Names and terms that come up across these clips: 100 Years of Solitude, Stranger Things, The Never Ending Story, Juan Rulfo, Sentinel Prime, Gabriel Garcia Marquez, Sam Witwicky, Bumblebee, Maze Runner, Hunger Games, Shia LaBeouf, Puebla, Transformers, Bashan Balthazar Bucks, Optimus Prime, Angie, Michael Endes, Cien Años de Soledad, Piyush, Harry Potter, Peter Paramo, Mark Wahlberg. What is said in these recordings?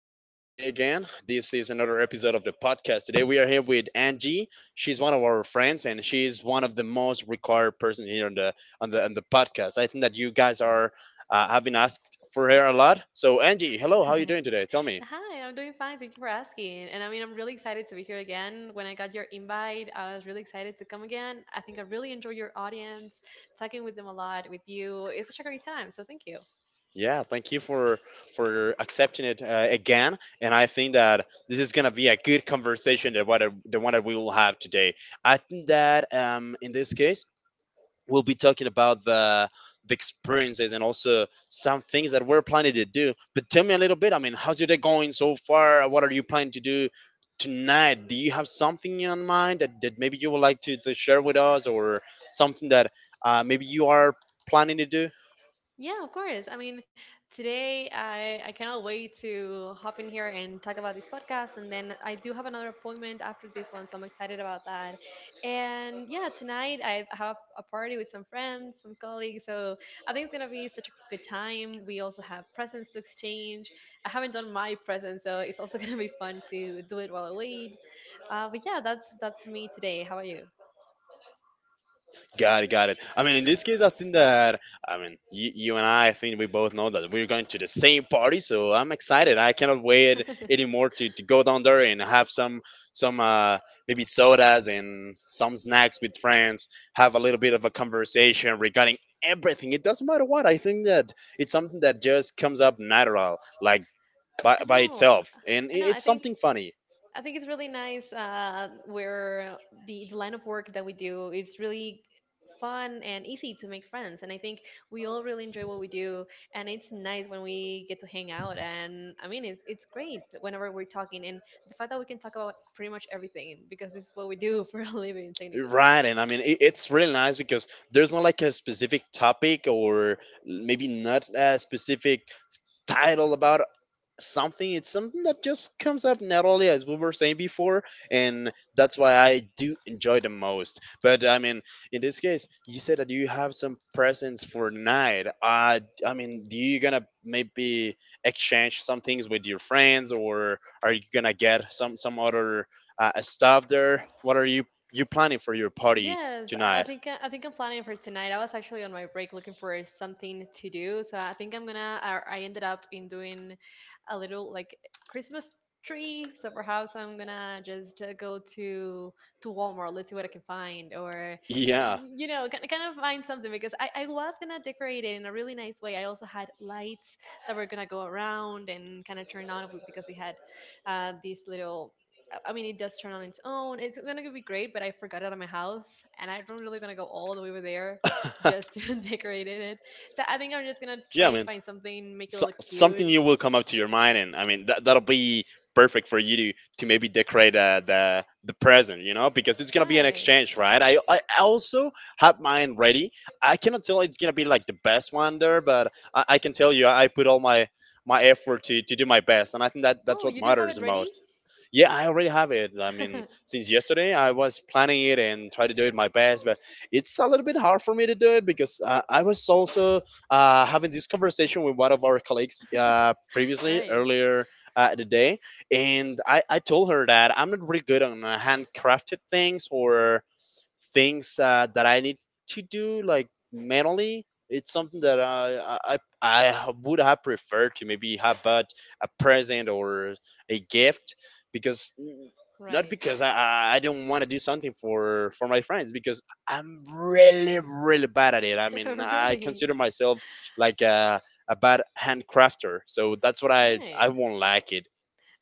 us here today again. This is another episode of the podcast. Today, we are here with Angie. She's one of our friends, and she's one of the most required person here on the podcast. I think that you guys are have been asked for her a lot. So, Angie, hello. How are you doing today? Tell me. Hi, I'm doing fine. Thank you for asking. And I mean, I'm really excited to be here again. When I got your invite, I was really excited to come again. I think I really enjoy your audience, talking with them a lot with you. It's such a great time. So thank you. Yeah, thank you for accepting it again. And I think that this is gonna be a good conversation. The one that we will have today. I think that in this case we'll be talking about the experiences and also some things that we're planning to do. But tell me a little bit. I mean, how's your day going so far? What are you planning to do tonight? Do you have something in mind that maybe you would like to share with us, or something that maybe you are planning to do? Yeah, of course. I mean, today I cannot wait to hop in here and talk about this podcast. And then I do have another appointment after this one, so I'm excited about that. And yeah, tonight I have a party with some friends, some colleagues. So I think it's going to be such a good time. We also have presents to exchange. I haven't done my present, so it's also going to be fun to do it while I wait. But yeah, that's me today. How about you? Got it, got it. I mean, in this case, I think that I mean you and I. I think we both know that we're going to the same party, so I'm excited. I cannot I wait anymore to go down there and have some some maybe sodas and some snacks with friends. Have a little bit of a conversation regarding everything. It doesn't matter what. I think that it's something that just comes up natural, like by know. itself, and I know. I it's think. something funny. I think it's really nice where the line of work that we do is really fun and easy to make friends. And I think we all really enjoy what we do. And it's nice when we get to hang out. And I mean, it's great whenever we're talking. And the fact that we can talk about pretty much everything because this is what we do for a living, technically. Right, and I mean it's really nice because there's not like a specific topic or maybe not a specific title about something. It's something that just comes up naturally, as we were saying before, and that's why I do enjoy the most. But I mean, in this case, you said that you have some presents for night, I mean, do you gonna maybe exchange some things with your friends, or are you gonna get some other stuff there? What are you planning for your party Yes, I I tonight? think uh, I think I'm planning for tonight. I was actually on my break looking for something to do, so I think I'm gonna. I ended up in doing a little like Christmas tree, so perhaps I'm gonna just go to Walmart. Let's see what I can find, or Yeah, kind of find something because I was gonna decorate it in a really nice way. I also had lights that were gonna go around and kind of turn on because we had these little I mean, it does turn on its own. It's gonna be great, but I forgot it at my house, and I don't really gonna go all the way over there just to decorate it. So I think I'm just gonna try yeah, and man. find something, make it So look something cute. new will come up to your mind, and I mean that'll be perfect for you to maybe decorate the present, you know, because it's gonna be an Right. exchange, right? I also have mine ready. I cannot tell it's gonna be like the best one there, but I can tell you I put all my my effort to do my best, and I think that that's Oh, what you do have matters it the ready? most. Yeah, I already have it. I mean, since yesterday, I was planning it and try to do it my best, but it's a little bit hard for me to do it because I was also having this conversation with one of our colleagues previously, Right. earlier the day, and I told her that I'm not really good on handcrafted things or things that I need to do like mentally. It's something that I I would have preferred to maybe have, but a present or a gift because not Right. because I I don't want to do something for my friends, because I'm really really bad at it. I mean, I Really. consider myself like a bad handcrafter, so that's what I Right. won't like it.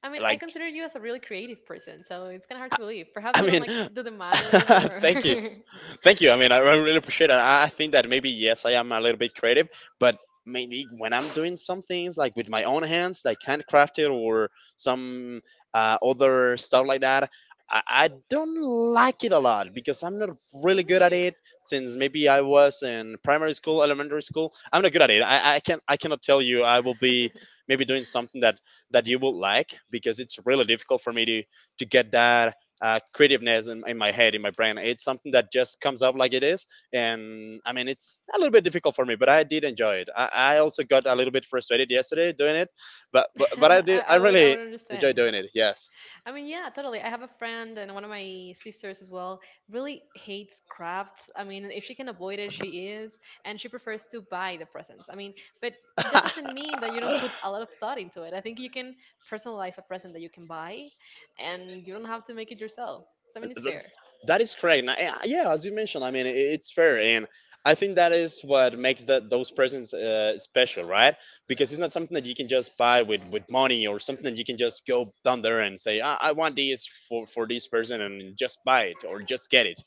I mean, I Like consider you as a really creative person, so it's kind of hard to believe. Perhaps I you don't mean, like do the manual labor, thank you. or Thank you. I mean, I really appreciate it. I think that maybe yes, I am a little bit creative, but maybe when I'm doing some things like with my own hands, like handcrafted or some other stuff like that, I don't like it a lot because I'm not all really good at right? it. Since maybe I was in primary school, elementary school, I'm not good at it. I can I cannot tell you. I will be maybe doing something that you will like because it's really difficult for me to get that creativeness in my head, in my brain. It's something that just comes up like it is. And I mean, it's a little bit difficult for me, but I did enjoy it. I also got a little bit frustrated yesterday doing it, but I did. I, I I would, I really would enjoy understand. doing it. Yes. I mean, yeah, totally. I have a friend and one of my sisters as well really hates crafts. I mean, if she can avoid it, she is, and she prefers to buy the presents. I mean, but that doesn't mean that you don't put a lot of thought into it. I think you can personalize a present that you can buy, and you don't have to make it yourself. So I mean, it's Th- fair. That is correct. Yeah, as you mentioned, I mean, it's fair, and I think that is what makes that those presents special, right? Because it's not something that you can just buy with money, or something that you can just go down there and say, I want this for this person, and just buy it or just get it.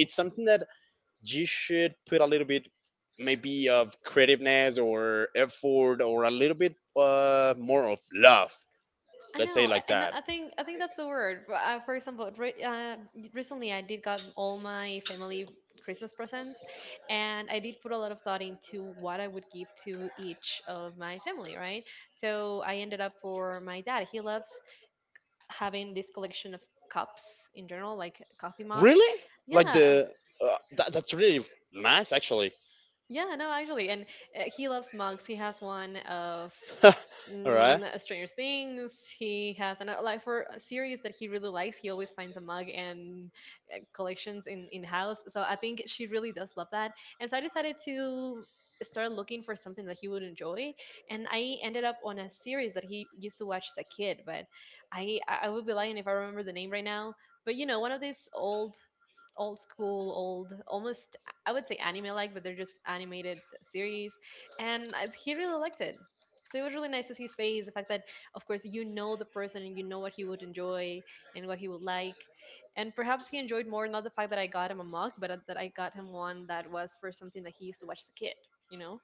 It's something that you should put a little bit maybe of creativeness or effort or a little bit more of love. I Let's say know, like and I that. I think I think that's the word. But, for example, re recently I did got all my family Christmas presents, and I did put a lot of thought into what I would give to each of my family, right? So I ended up for my dad. He loves having this collection of cups in general, like coffee mugs. Really? Like Yeah, the that's really nice, actually. yeah, no, actually, and he loves mugs. He has one of All right, Stranger Things. He has another like for a series that he really likes. He always finds a mug and collections in the house. So I think she really does love that. And so I decided to start looking for something that he would enjoy. And I ended up on a series that he used to watch as a kid. But I would be lying if I remember the name right now. But one of these old school, old, almost I would say anime like, but they're just animated series. And he really liked it. So it was really nice to see his face. The fact that, of course, you know the person and you know what he would enjoy and what he would like. And perhaps he enjoyed more not the fact that I got him a mug, but that I got him one that was for something that he used to watch as a kid, you know?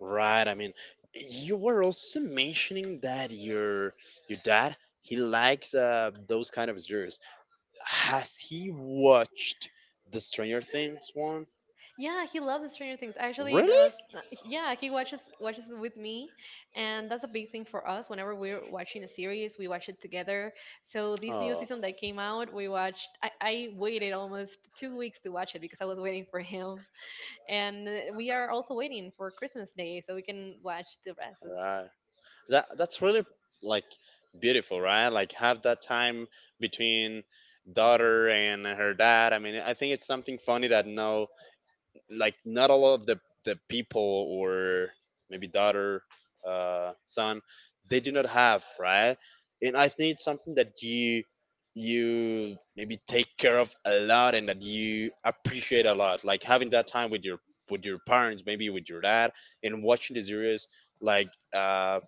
right. I mean, you were also mentioning that your dad, he likes those kind of series. Has he watched the Stranger Things one? Yeah, he loves Stranger Things. Actually, that Really? was, yeah, he watches it with me, and that's a big thing for us. Whenever we're watching a series, we watch it together. So this new Oh, season that came out, we watched. I waited almost 2 weeks to watch it because I was waiting for him, and we are also waiting for Christmas Day so we can watch the rest of the season. right. That that's really like beautiful, right? Like have that time between daughter and her dad. I mean, I think it's something funny that no, like, not all of the people, or maybe daughter son, they do not have, right? And I think it's something that you maybe take care of a lot, and that you appreciate a lot, like having that time with your parents, maybe with your dad, and watching the series like uh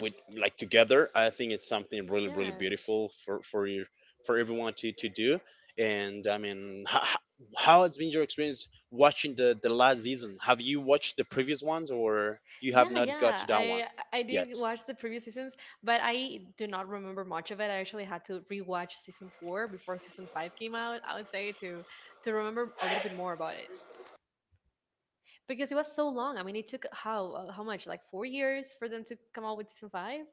with, like, together. I think it's something really really Yes. beautiful for you, for everyone to do. And I mean, how has been your experience watching the last season? Have you watched the previous ones, or you have Yeah, not got yeah. to that one I yet? did watch the previous seasons, but I do not remember much of it. I actually had to rewatch season four before season five came out, I would say, to remember a little bit more about it. Because it was so long. I mean, it took how much? Like 4 years for them to come out with season five?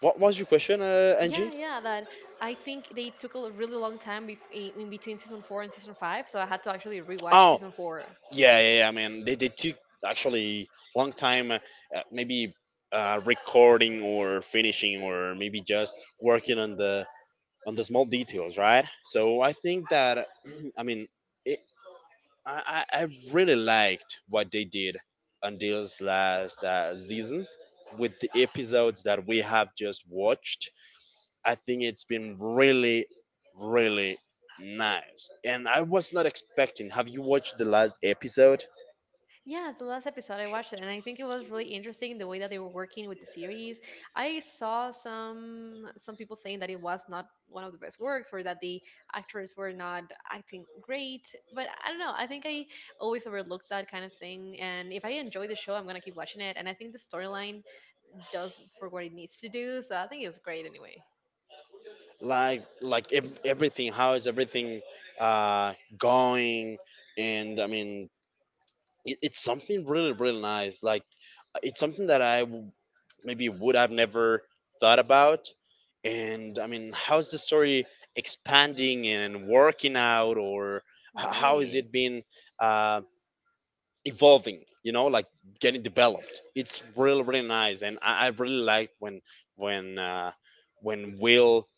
What was your question, Yeah, Angie? yeah, that I think they took a really long time bef in between season four and season five, so I had to actually rewatch Oh season four. yeah, yeah, I mean, they took actually long time, uh, maybe recording or finishing or maybe just working on the small details, right? So I think that I mean, it, I really liked what they did on this last season, with the episodes that we have just watched. I think it's been really, really nice, and I was not expecting. Have you watched the last episode? Yeah, it's the last episode I watched it, and I think it was really interesting the way that they were working with the series. I saw some people saying that it was not one of the best works, or that the actors were not acting great. But I don't know. I think I always overlooked that kind of thing. And if I enjoy the show, I'm gonna keep watching it. And I think the storyline does for what it needs to do. So I think it was great anyway. Like everything, how is everything uh, going? And I mean, it's something really really nice, like it's something that maybe would have never thought about. And I mean, how's the story expanding and working out, or how is Right. it been uh, evolving, you know, like getting developed? It's really really nice, and I really liked when when uh, when Will,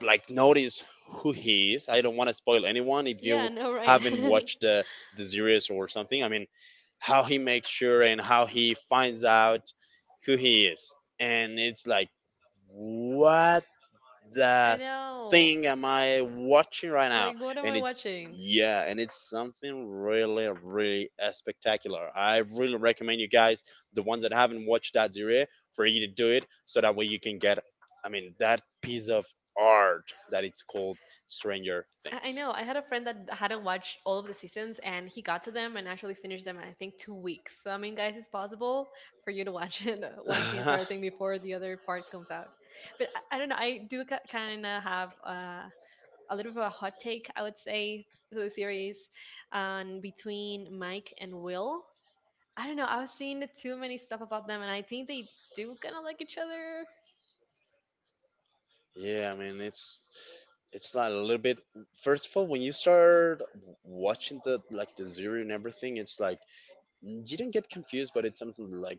like, notice who he is. I don't want to spoil anyone if Yeah. you No. Right. haven't watched the series or something. I mean, how he makes sure and how he finds out who he is, and it's like, what I the know. thing am I watching right now? Like, what am And I it's, watching? yeah, and it's something really, really spectacular. I really recommend you guys, the ones that haven't watched that series, for you to do it so that way you can get, I mean, that piece of art that it's called Stranger I Things. know. I had a friend that hadn't watched all of the seasons and he got to them and actually finished them in I think 2 weeks. So I mean, guys, it's possible for you to watch it, watch the entire thing before the other part comes out. But I don't know. I do kind of have a little bit of a hot take, I would say, to the series, between Mike and Will. I don't know. I've seen too many stuff about them, and I think they do kind of like each other. Yeah, I mean, it's like a little bit. First of all, when you start watching the, like, the zero and everything, it's like you don't get confused, but it's something like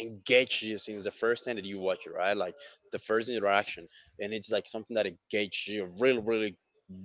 engage you since the first time that you watch it, right? Like the first interaction. And it's like something that engages you really, really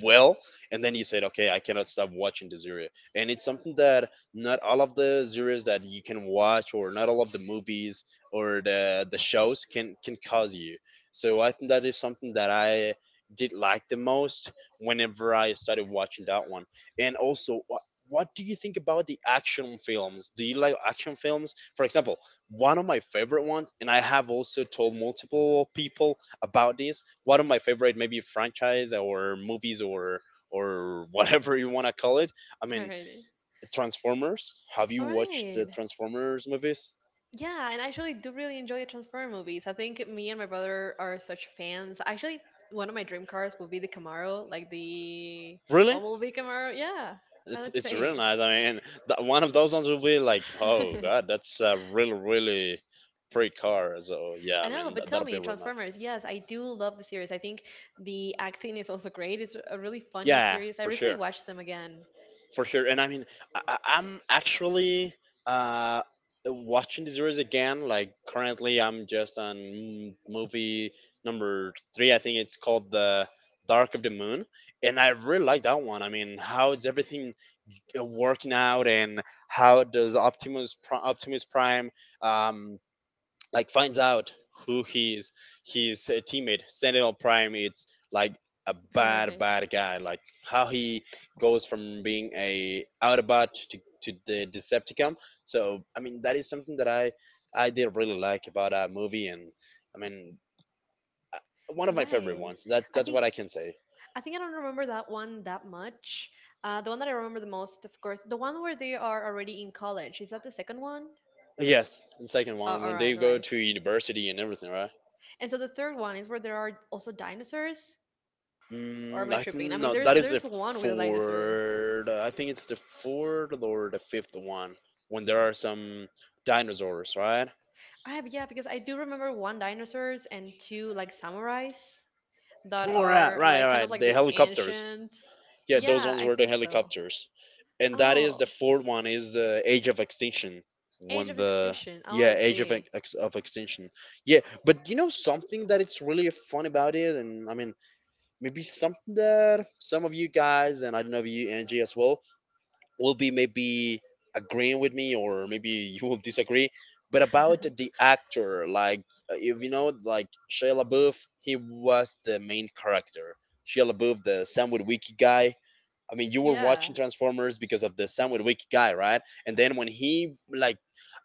well. And then you said, okay, I cannot stop watching the series, and it's something that not all of the series that you can watch, or not all of the movies or the shows can cause you. So I think that is something that I did like the most whenever I started watching that one. And also, what do you think about the action films? Do you like action films? For example, one of my favorite ones, and I have also told multiple people about this. One of my favorite, maybe franchise or movies or whatever you want to call it. I mean, Alrighty. Transformers. Have you All watched right. the Transformers movies? Yeah, and I actually do really enjoy the Transformer movies. I think me and my brother are such fans. Actually, one of my dream cars would be the Camaro, like the Really? Bumblebee Camaro. Yeah, I would It's really say. nice. I mean, that one of those ones will be like, oh I god, that's a really really pretty car. So yeah, I know, mean, but tell that'll be me, really nice. Transformers. Yes, I do love the series. I think the acting is also great. It's a really funny Yeah, series. I for recently sure. watched them again. For sure. And I mean, I'm actually uh, watching the series again. Like currently, I'm just on movie number three. I think it's called the Dark of the Moon, and I really like that one. I mean, how is everything working out, and how does Optimus Prime um, like finds out who he is. His teammate Sentinel Prime, it's like a bad Right. bad guy. Like how he goes from being a autobot to the Decepticon. So I mean, that is something that I did really like about that movie. And I mean, one of my favorite Right. ones, that I that's what think I can say. I think I don't remember that one that much. The one that I remember the most, of course, the one where they are already in college. Is that the second one? Yes, and second Oh, one all when right, they all go right. to university and everything, right? And so the third one is where there are also dinosaurs. Or am Mm, I I think tripping? I mean, no, there's that is the there's one with a dinosaur. fourth. I think it's the fourth or the fifth one when there are some dinosaurs, right? Ah, but yeah, because I do remember one dinosaurs and two like samurais that All right, are right, like all kind of right. like The the helicopters. ancient. Yeah, those Yeah, ones I were the think so. helicopters, and that is the Oh, fourth one, is the Age of Extinction Age when of the, Extinction. Oh, yeah, I Age of see. Extinction. Yeah, but you know something that it's really fun about it, and I mean maybe something that some of you guys, and I don't know if you, Angie, as well will be maybe agreeing with me, or maybe you will disagree. But about the actor, like if you know, like Shia LaBeouf, he was the main character. Shia LaBeouf, the Sam Witwicky guy. I mean, you were Yeah. watching Transformers because of the Sam Witwicky guy, right? And then when he, like,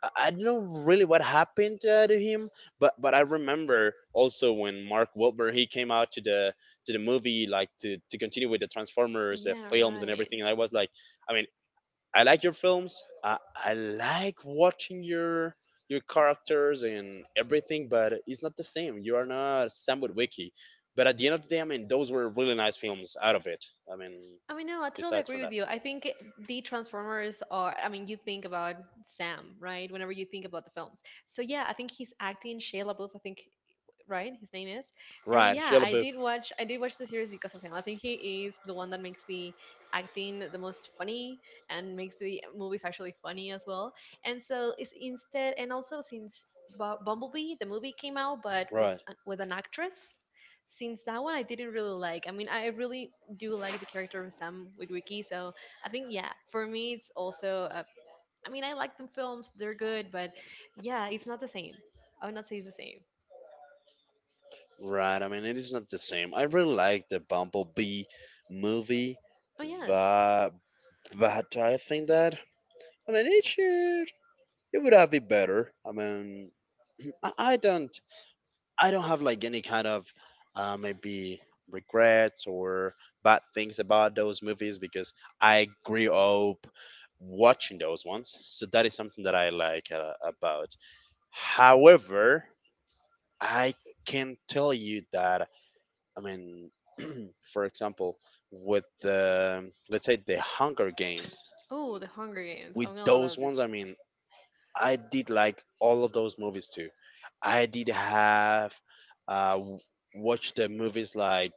I don't know really what happened to him, but I remember also when Mark Wahlberg he came out to the movie, like to continue with the Transformers Yeah, films and right. everything. And I was like, I mean, I like your films. I like watching your characters and everything, but it's not the same. You are not Sam with Wiki. But at the end of the day, I mean, those were really nice films out of it. I mean, I mean, no, I totally besides agree from with that. you. I think the Transformers are, I mean, you think about Sam, right? Whenever you think about the films. So, yeah, I think he's acting Shia LaBeouf, I think, right? His name is. And Right, yeah, Shia I LaBeouf. did watch, I did watch the series because of him. I think he is the one that makes the acting the most funny and makes the movies actually funny as well. And so it's instead, and also since Bumblebee, the movie came out, but with, Right, uh, with an actress since that one I didn't really like. I mean, I really do like the character of Sam with Wiki, so I think yeah, for me it's also. I mean, I like the films; they're good, but yeah, it's not the same. I would not say it's the same. right. I mean, it is not the same. I really like the Bumblebee movie, Oh yes. but, but I think that, I mean, it should, it would have been better. I mean, I, I don't I don't have like any kind of maybe regrets or bad things about those movies because I grew up watching those ones. So that is something that I like about. However, I can tell you that, I mean, for example, with the, let's say, the Hunger Games, Oh, the Hunger Games. with I'm gonna those love this. ones, I mean, I did like all of those movies too. I did have uh, watch the movies, like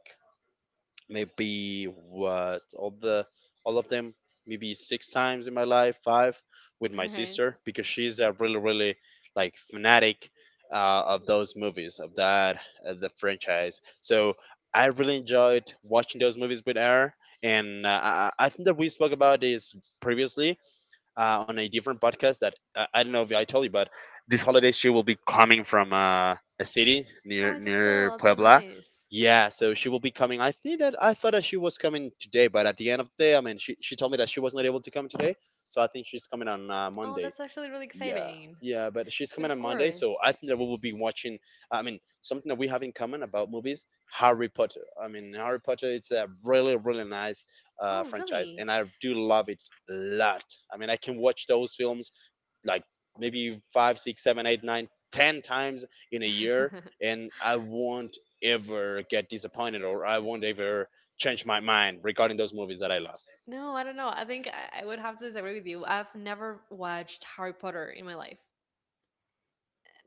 maybe what, all of them, maybe six times in my life, five, with my All right. sister, because she's a really really like fanatic of those movies, of that, the franchise. So I really enjoyed watching those movies with her. And I think that we spoke about this previously, on a different podcast, that, I don't know if I told you, but this holiday she will be coming from a city Oh, is that so? near That's so Puebla. nice. Yeah, so she will be coming. I think that I thought that she was coming today, but at the end of the day, I mean, she told me that she was not able to come today, so I think she's coming on Oh, Monday. that's actually really Yeah, exciting. yeah, but she's But coming of on Monday, so course. I think that we will be watching. I mean, something that we have in common about movies, Harry Potter. I mean, Harry Potter, it's a really, really nice Oh, franchise, really? and I do love it a lot. I mean, I can watch those films like maybe 5, 6, 7, 8, 9, 10 times in a year, and I won't ever get disappointed, or I won't ever change my mind regarding those movies that I love. No, I don't know. I think I would have to disagree with you. I've never watched Harry Potter in my life.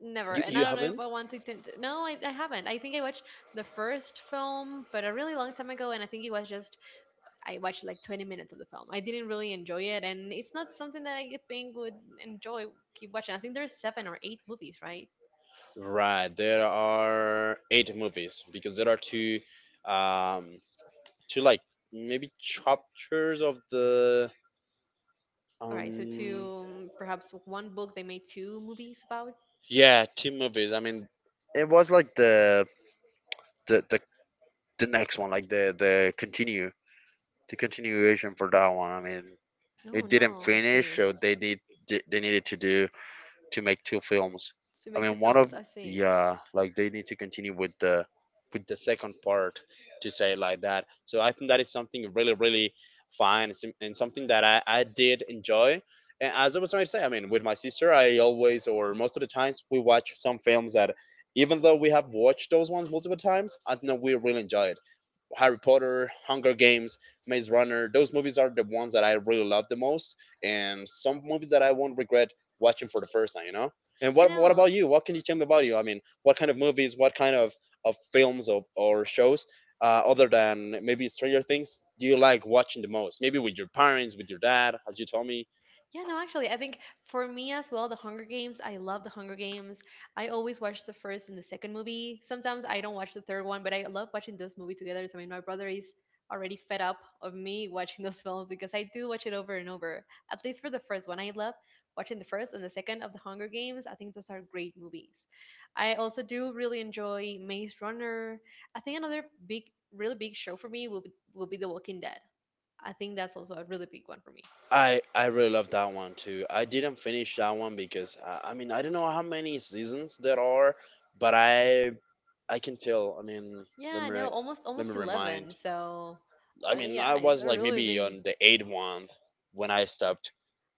Never. And I You don't know if haven't? I want to. No, I haven't. I think I watched the first film, but a really long time ago. And I think it was just, I watched like 20 minutes of the film. I didn't really enjoy it. And it's not something that I think would enjoy keep watching. I think there's seven or eight movies, right? Right, there are eight movies because there are um, two like maybe chapters of the All right. So, um, two, perhaps one book they made two movies about? yeah, two movies. I mean, it was like the the, the next one, like the continuation for that one. I mean, No, it didn't no. I finish, see. so they did they needed to make two films. So, I make two mean, one films. of, I see. yeah, like they need to continue with the second part, to say it like that. So I think that is something really really fine, and something that I did enjoy. And as I was trying to say, I mean, with my sister, I always, or most of the times, we watch some films that, even though we have watched those ones multiple times, I think that we really enjoy it. Harry Potter, Hunger Games, Maze Runner. Those movies are the ones that I really love the most, and some movies that I won't regret watching for the first time. And I what know. about you? What can you tell me about you? I mean, what kind of movies? What kind of films, or shows, other than maybe Stranger Things, do you like watching the most? Maybe with your parents, with your dad, as you told me. Yeah, no, actually, I think for me as well, The Hunger Games, I love The Hunger Games. I always watch the first and the second movie. Sometimes I don't watch the third one, but I love watching those movies together. So, I mean, my brother is already fed up of me watching those films because I do watch it over and over, at least for the first one. I love watching the first and the second of The Hunger Games. I think those are great movies. I also do really enjoy Maze Runner. I think another big, really big show for me will be, The Walking Dead. I think that's also a really big one for me. I really love that one too. I didn't finish that one because, I mean, I don't know how many seasons there are, but I can tell. I mean, let Yeah, me no, re- almost let me almost remind. 11. So, I mean, I yeah, it's was a like really maybe big on the eighth one when I stopped.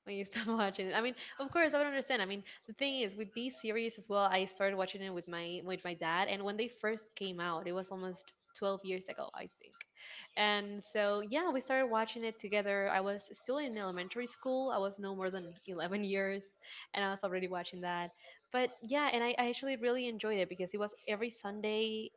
when you start watching it. I mean, of course, I would understand. I mean, the thing is with these series as well, I started watching it with my dad, and when they first came out, it was almost 12 years ago, I think. And so, yeah, we started watching it together. I was still in elementary school. I was no more than 11 years, and I was already watching that. But yeah, I actually really enjoyed it because it was every Sunday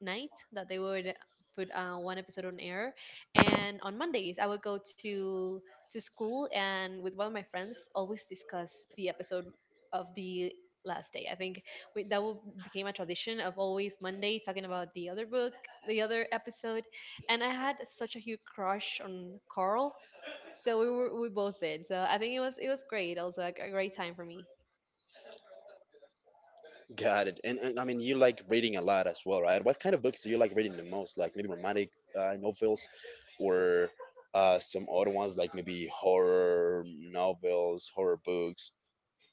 night that they would put one episode on air and on Mondays I would go to school and with one of my friends always discuss the episode of the last day. I think became a tradition of always Monday talking about the other book, the other episode. And I had such a huge crush on Carl, so we both did. So I think it was great, also a great time for me. Got it. And I mean, you like reading a lot as well, right? What kind of books do you like reading the most? Like maybe romantic novels, or some other ones, like maybe horror novels, horror books,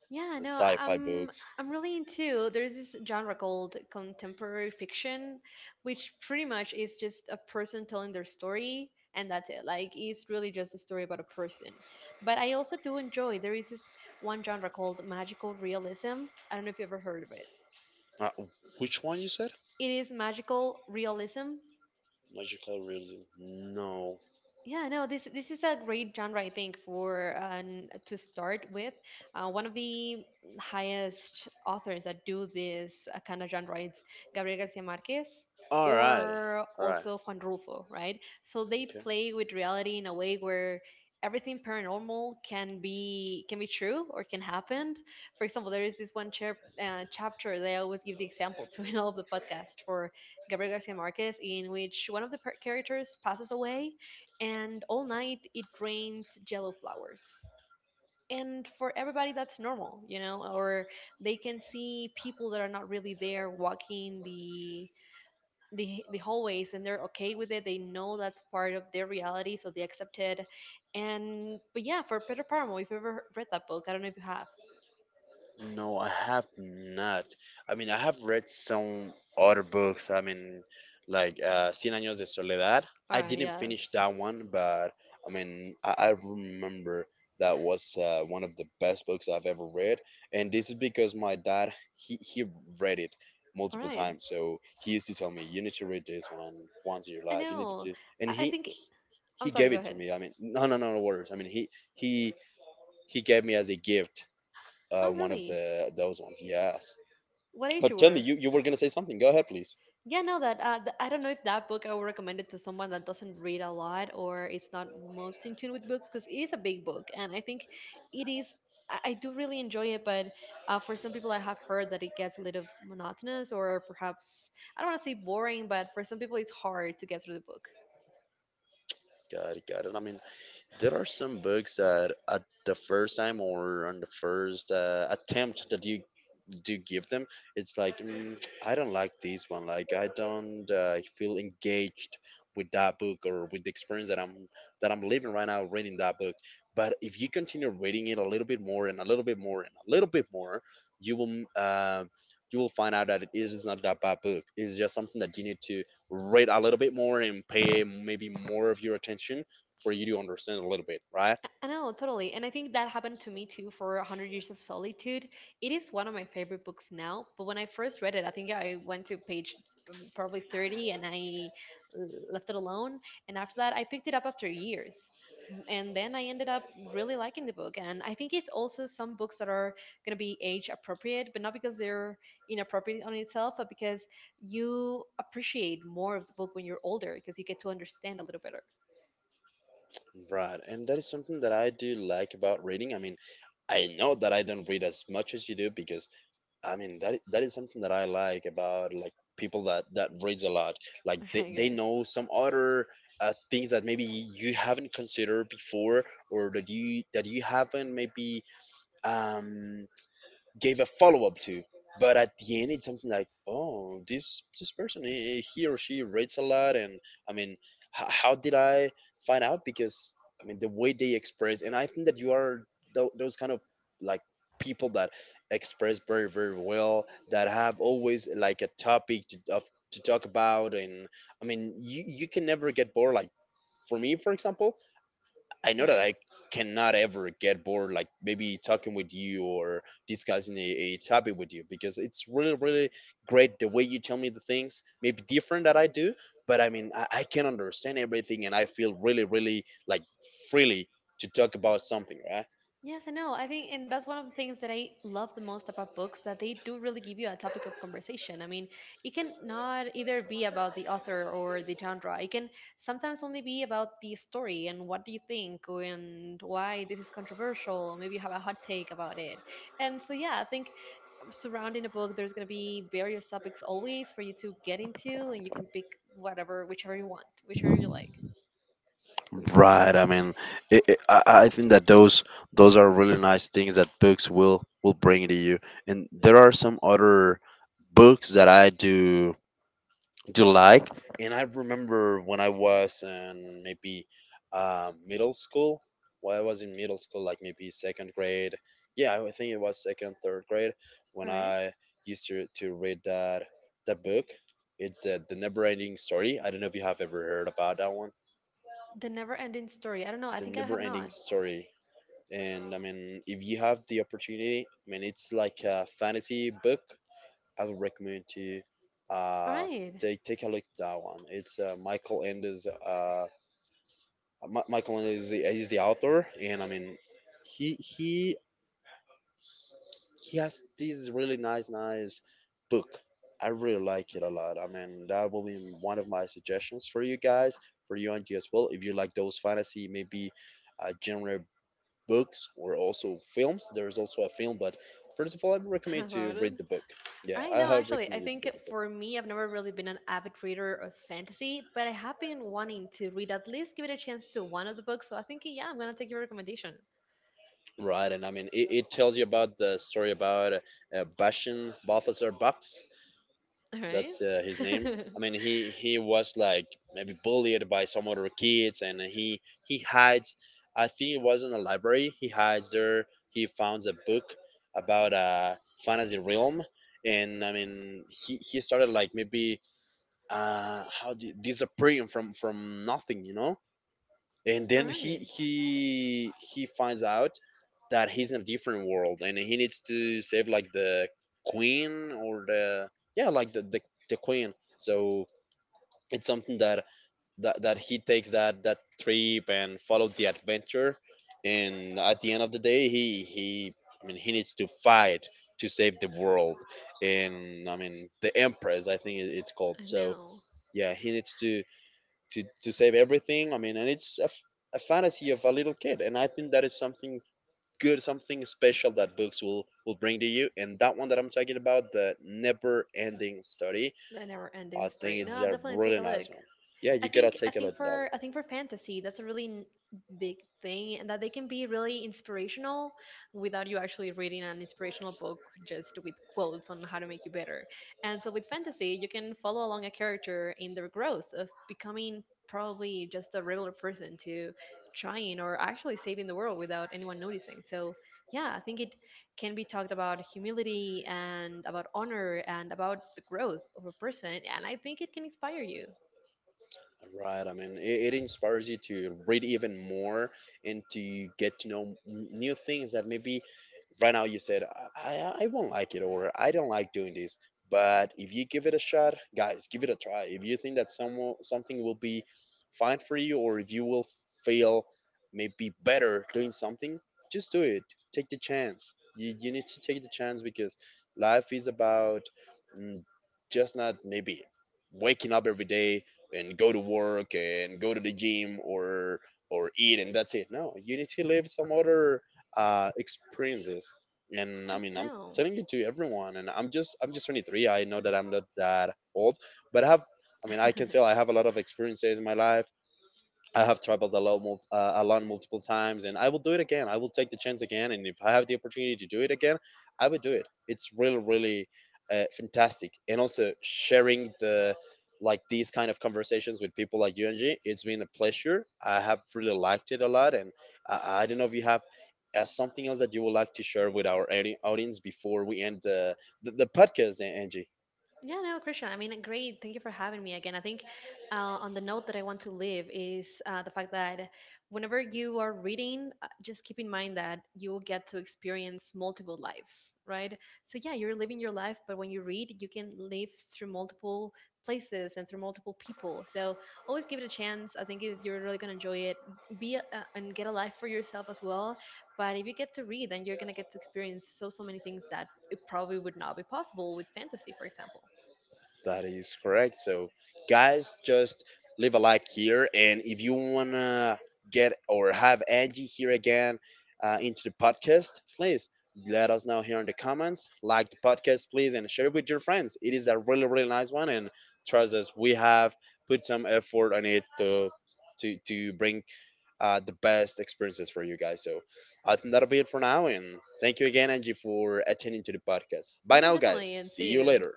Yeah, no, sci-fi books. I'm really into, there's this genre called contemporary fiction, which pretty much is just a person telling their story and that's it. Like it's really just a story about a person. But I also do enjoy, there is this one genre called magical realism. I don't know if you ever heard of it. Uh, which one you said? It is magical realism. Magical realism. No. Yeah, no, this is a great genre, I think, for to start with. One of the highest authors that do this kind of genre is Gabriel Garcia Marquez, Alrighty. or Alright. also Juan Rulfo, right? So they Okay. play with reality in a way where everything paranormal can be true or can happen. For example, there is this one chapter that I always give the example to in all of the podcast for Gabriel Garcia Marquez, in which one of the characters passes away and all night it rains yellow flowers. And for everybody, that's normal, you know, or they can see people that are not really there walking the hallways, and they're okay with it. They know that's part of their reality, so they accept it. And but yeah, for Peter Paramo, if you've ever read that book, I don't know if you have. No, I have not. I mean, I have read some other books. I mean, like Cien Años de Soledad. All I right, didn't finish yes. that one, but I mean, I remember that was one of the best books I've ever read. And this is because my dad, he read it All multiple right. times. So he used to tell me, you need to read this one once in your I life. You need to know. do. And I think, he I'm sorry, gave go it to ahead. me. I mean, no, no, no, no worries. I mean, he, he gave me as a gift Oh one of really, the those ones. Yes. what age But you tell me, were? You were gonna say something. Go ahead, please. Yeah, no, that I don't know if that book I would recommend it to someone that doesn't read a lot or is not most in tune with books, because it is a big book, and I think it is. I do really enjoy it, but for some people, I have heard that it gets a little monotonous, or perhaps, I don't want to say boring, but for some people, it's hard to get through the book. Got it, got it. I mean, there are some books that at the first time, or on the first attempt that you do give them, it's like I don't like this one. Like I don't feel engaged with that book, or with the experience that I'm living right now reading that book. But if you continue reading it a little bit more and a little bit more and a little bit more, you will mm, uh, you will find out that it is not that bad book. It's just something that you need to read a little bit more and pay maybe more of your attention for you to understand a little bit, right? I know, totally. And I think that happened to me too for 100 Years of Solitude. It is one of my favorite books now, but when I first read it, I think I went to page probably 30, and I left it alone. And after that, I picked it up after years. And then I ended up really liking the book. And I think it's also some books that are going to be age appropriate, but not because they're inappropriate on itself, but because you appreciate more of the book when you're older, because you get to understand a little better. Right, and that is something that I do like about reading. I mean, I know that I don't read as much as you do, because I mean that that is something that I like about, like, people that reads a lot. Like Okay, they guys. know some other things that maybe you haven't considered before, or that you haven't maybe um gave a follow up to. But at the end, it's something like, oh, this person, he or she reads a lot, and I mean, how did I find out? Because I mean, the way they express, and I think that you are those kind of, like, people that express very very well, that have always like a topic to talk about, and I mean, you can never get bored. Like for me, for example, I know All that right. I cannot ever get bored, like maybe talking with you, or discussing a topic with you, because it's really, really great the way you tell me the things, maybe different that I do, but I mean, I can understand everything, and I feel really, really like freely to talk about something, right? Yes, I know. I think, and that's one of the things that I love the most about books, that they do really give you a topic of conversation. I mean, it can not either be about the author or the genre. It can sometimes only be about the story, and what do you think, and why this is controversial. Maybe you have a hot take about it. And so, yeah, I think surrounding a book, there's going to be various topics always for you to get into, and you can pick whatever, whichever you want, whichever you like. Right. I mean, I think that those are really nice things that books will bring to you. And there are some other books that I do like. And I remember when I was in maybe middle school, when I was in middle school, like maybe second grade. Yeah, I think it was second, third grade when All right. I used to read that book. It's the Never Ending Story. I don't know if you have ever heard about that one. The never ending story. I don't know. I The think I Never have Ending not. Story. And I mean, if you have the opportunity, I mean, it's like a fantasy book I would recommend to you, All uh, right. Take a look at that one. It's Michael Endes. Michael Endes is the author, and I mean, he he has this really nice book. I really like it a lot. I mean, that will be one of my suggestions for you guys, for you and you as well. If you like those fantasy, maybe genre books or also films. There's also a film, but first of all, I would recommend to About it? read the book. Yeah, I I know, have actually, I recommended to think read the book. for me, I've never really been an avid reader of fantasy, but I have been wanting to read, at least give it a chance, to one of the books. So I think, yeah, I'm gonna take your recommendation. Right, and I mean it tells you about the story about Bashan Balthazar Bucks. All right, That's his name. I mean he was like maybe bullied by some other kids, and he hides. I think it was in a library. He hides there. He finds a book about a fantasy realm, and I mean he started like maybe disappearing from nothing, and all then he right. he he finds out that he's in a different world and he needs to save like the queen or the yeah like the queen. So it's something that he takes that trip and follow the adventure, and at the end of the day he I mean he needs to fight to save the world. And I mean the empress, I think it's called. I So know, yeah, he needs to save everything. I mean, and it's a fantasy of a little kid, and I think that is something good, something special that books will bring to you. And that one that I'm talking about, the Never Ending Story, the never-ending I think story. No, it's I'll a definitely take really a look. nice one. Yeah, I you gotta think I take a think look, dog. for I think for fantasy that's a really big thing, and that they can be really inspirational without you actually reading an inspirational book just with quotes on how to make you better. And so with fantasy you can follow along a character in their growth of becoming probably just a regular person to trying or actually saving the world without anyone noticing. So yeah, I think it can be talked about humility and about honor and about the growth of a person, and I think it can inspire you. Right. I mean, it inspires you to read even more and to get to know new things that maybe right now you said, I won't like it, or I don't like doing this. But if you give it a shot, guys, give it a try. If you think that something will be fine for you, or if you will feel maybe better doing something, just do it. Take the chance. You need to take the chance, because life is about mm, just not maybe waking up every day and go to work and go to the gym or eat and that's it. No, you need to live some other experiences. And Uh, I mean, I'm no. telling you, to everyone. And I'm just 23. I know that I'm not that old, but I have. I mean, I can tell I have a lot of experiences in my life. I have traveled a lot, a lot, multiple times, and I will do it again. I will take the chance again, and if I have the opportunity to do it again, I will do it. It's really, really fantastic, and also sharing the like these kind of conversations with people like you and G. It's been a pleasure. I have really liked it a lot, and I don't know if you have something else that you would like to share with our audience before we end the podcast, Angie. Yeah, no, Christian. I mean, great. Thank you for having me again. I think uh, on the note that I want to leave is the fact that whenever you are reading, just keep in mind that you will get to experience multiple lives, right? So, yeah, you're living your life, but when you read, you can live through multiple places and through multiple people. So, always give it a chance. I think you're really going to enjoy it. Be a, and get a life for yourself as well. But if you get to read, then you're going to get to experience so, so many things that it probably would not be possible with fantasy, for example. That is correct. So, guys, just leave a like here. And if you want to get or have Angie here again into the podcast, please let us know here in the comments. Like the podcast, please, and share it with your friends. It is a really, really nice one. And trust us, we have put some effort on it to. To, bring the best experiences for you guys. So I think that'll be it for now. And thank you again, Angie, for attending to the podcast. Bye Yeah, now, definitely. guys. And See see you you. later.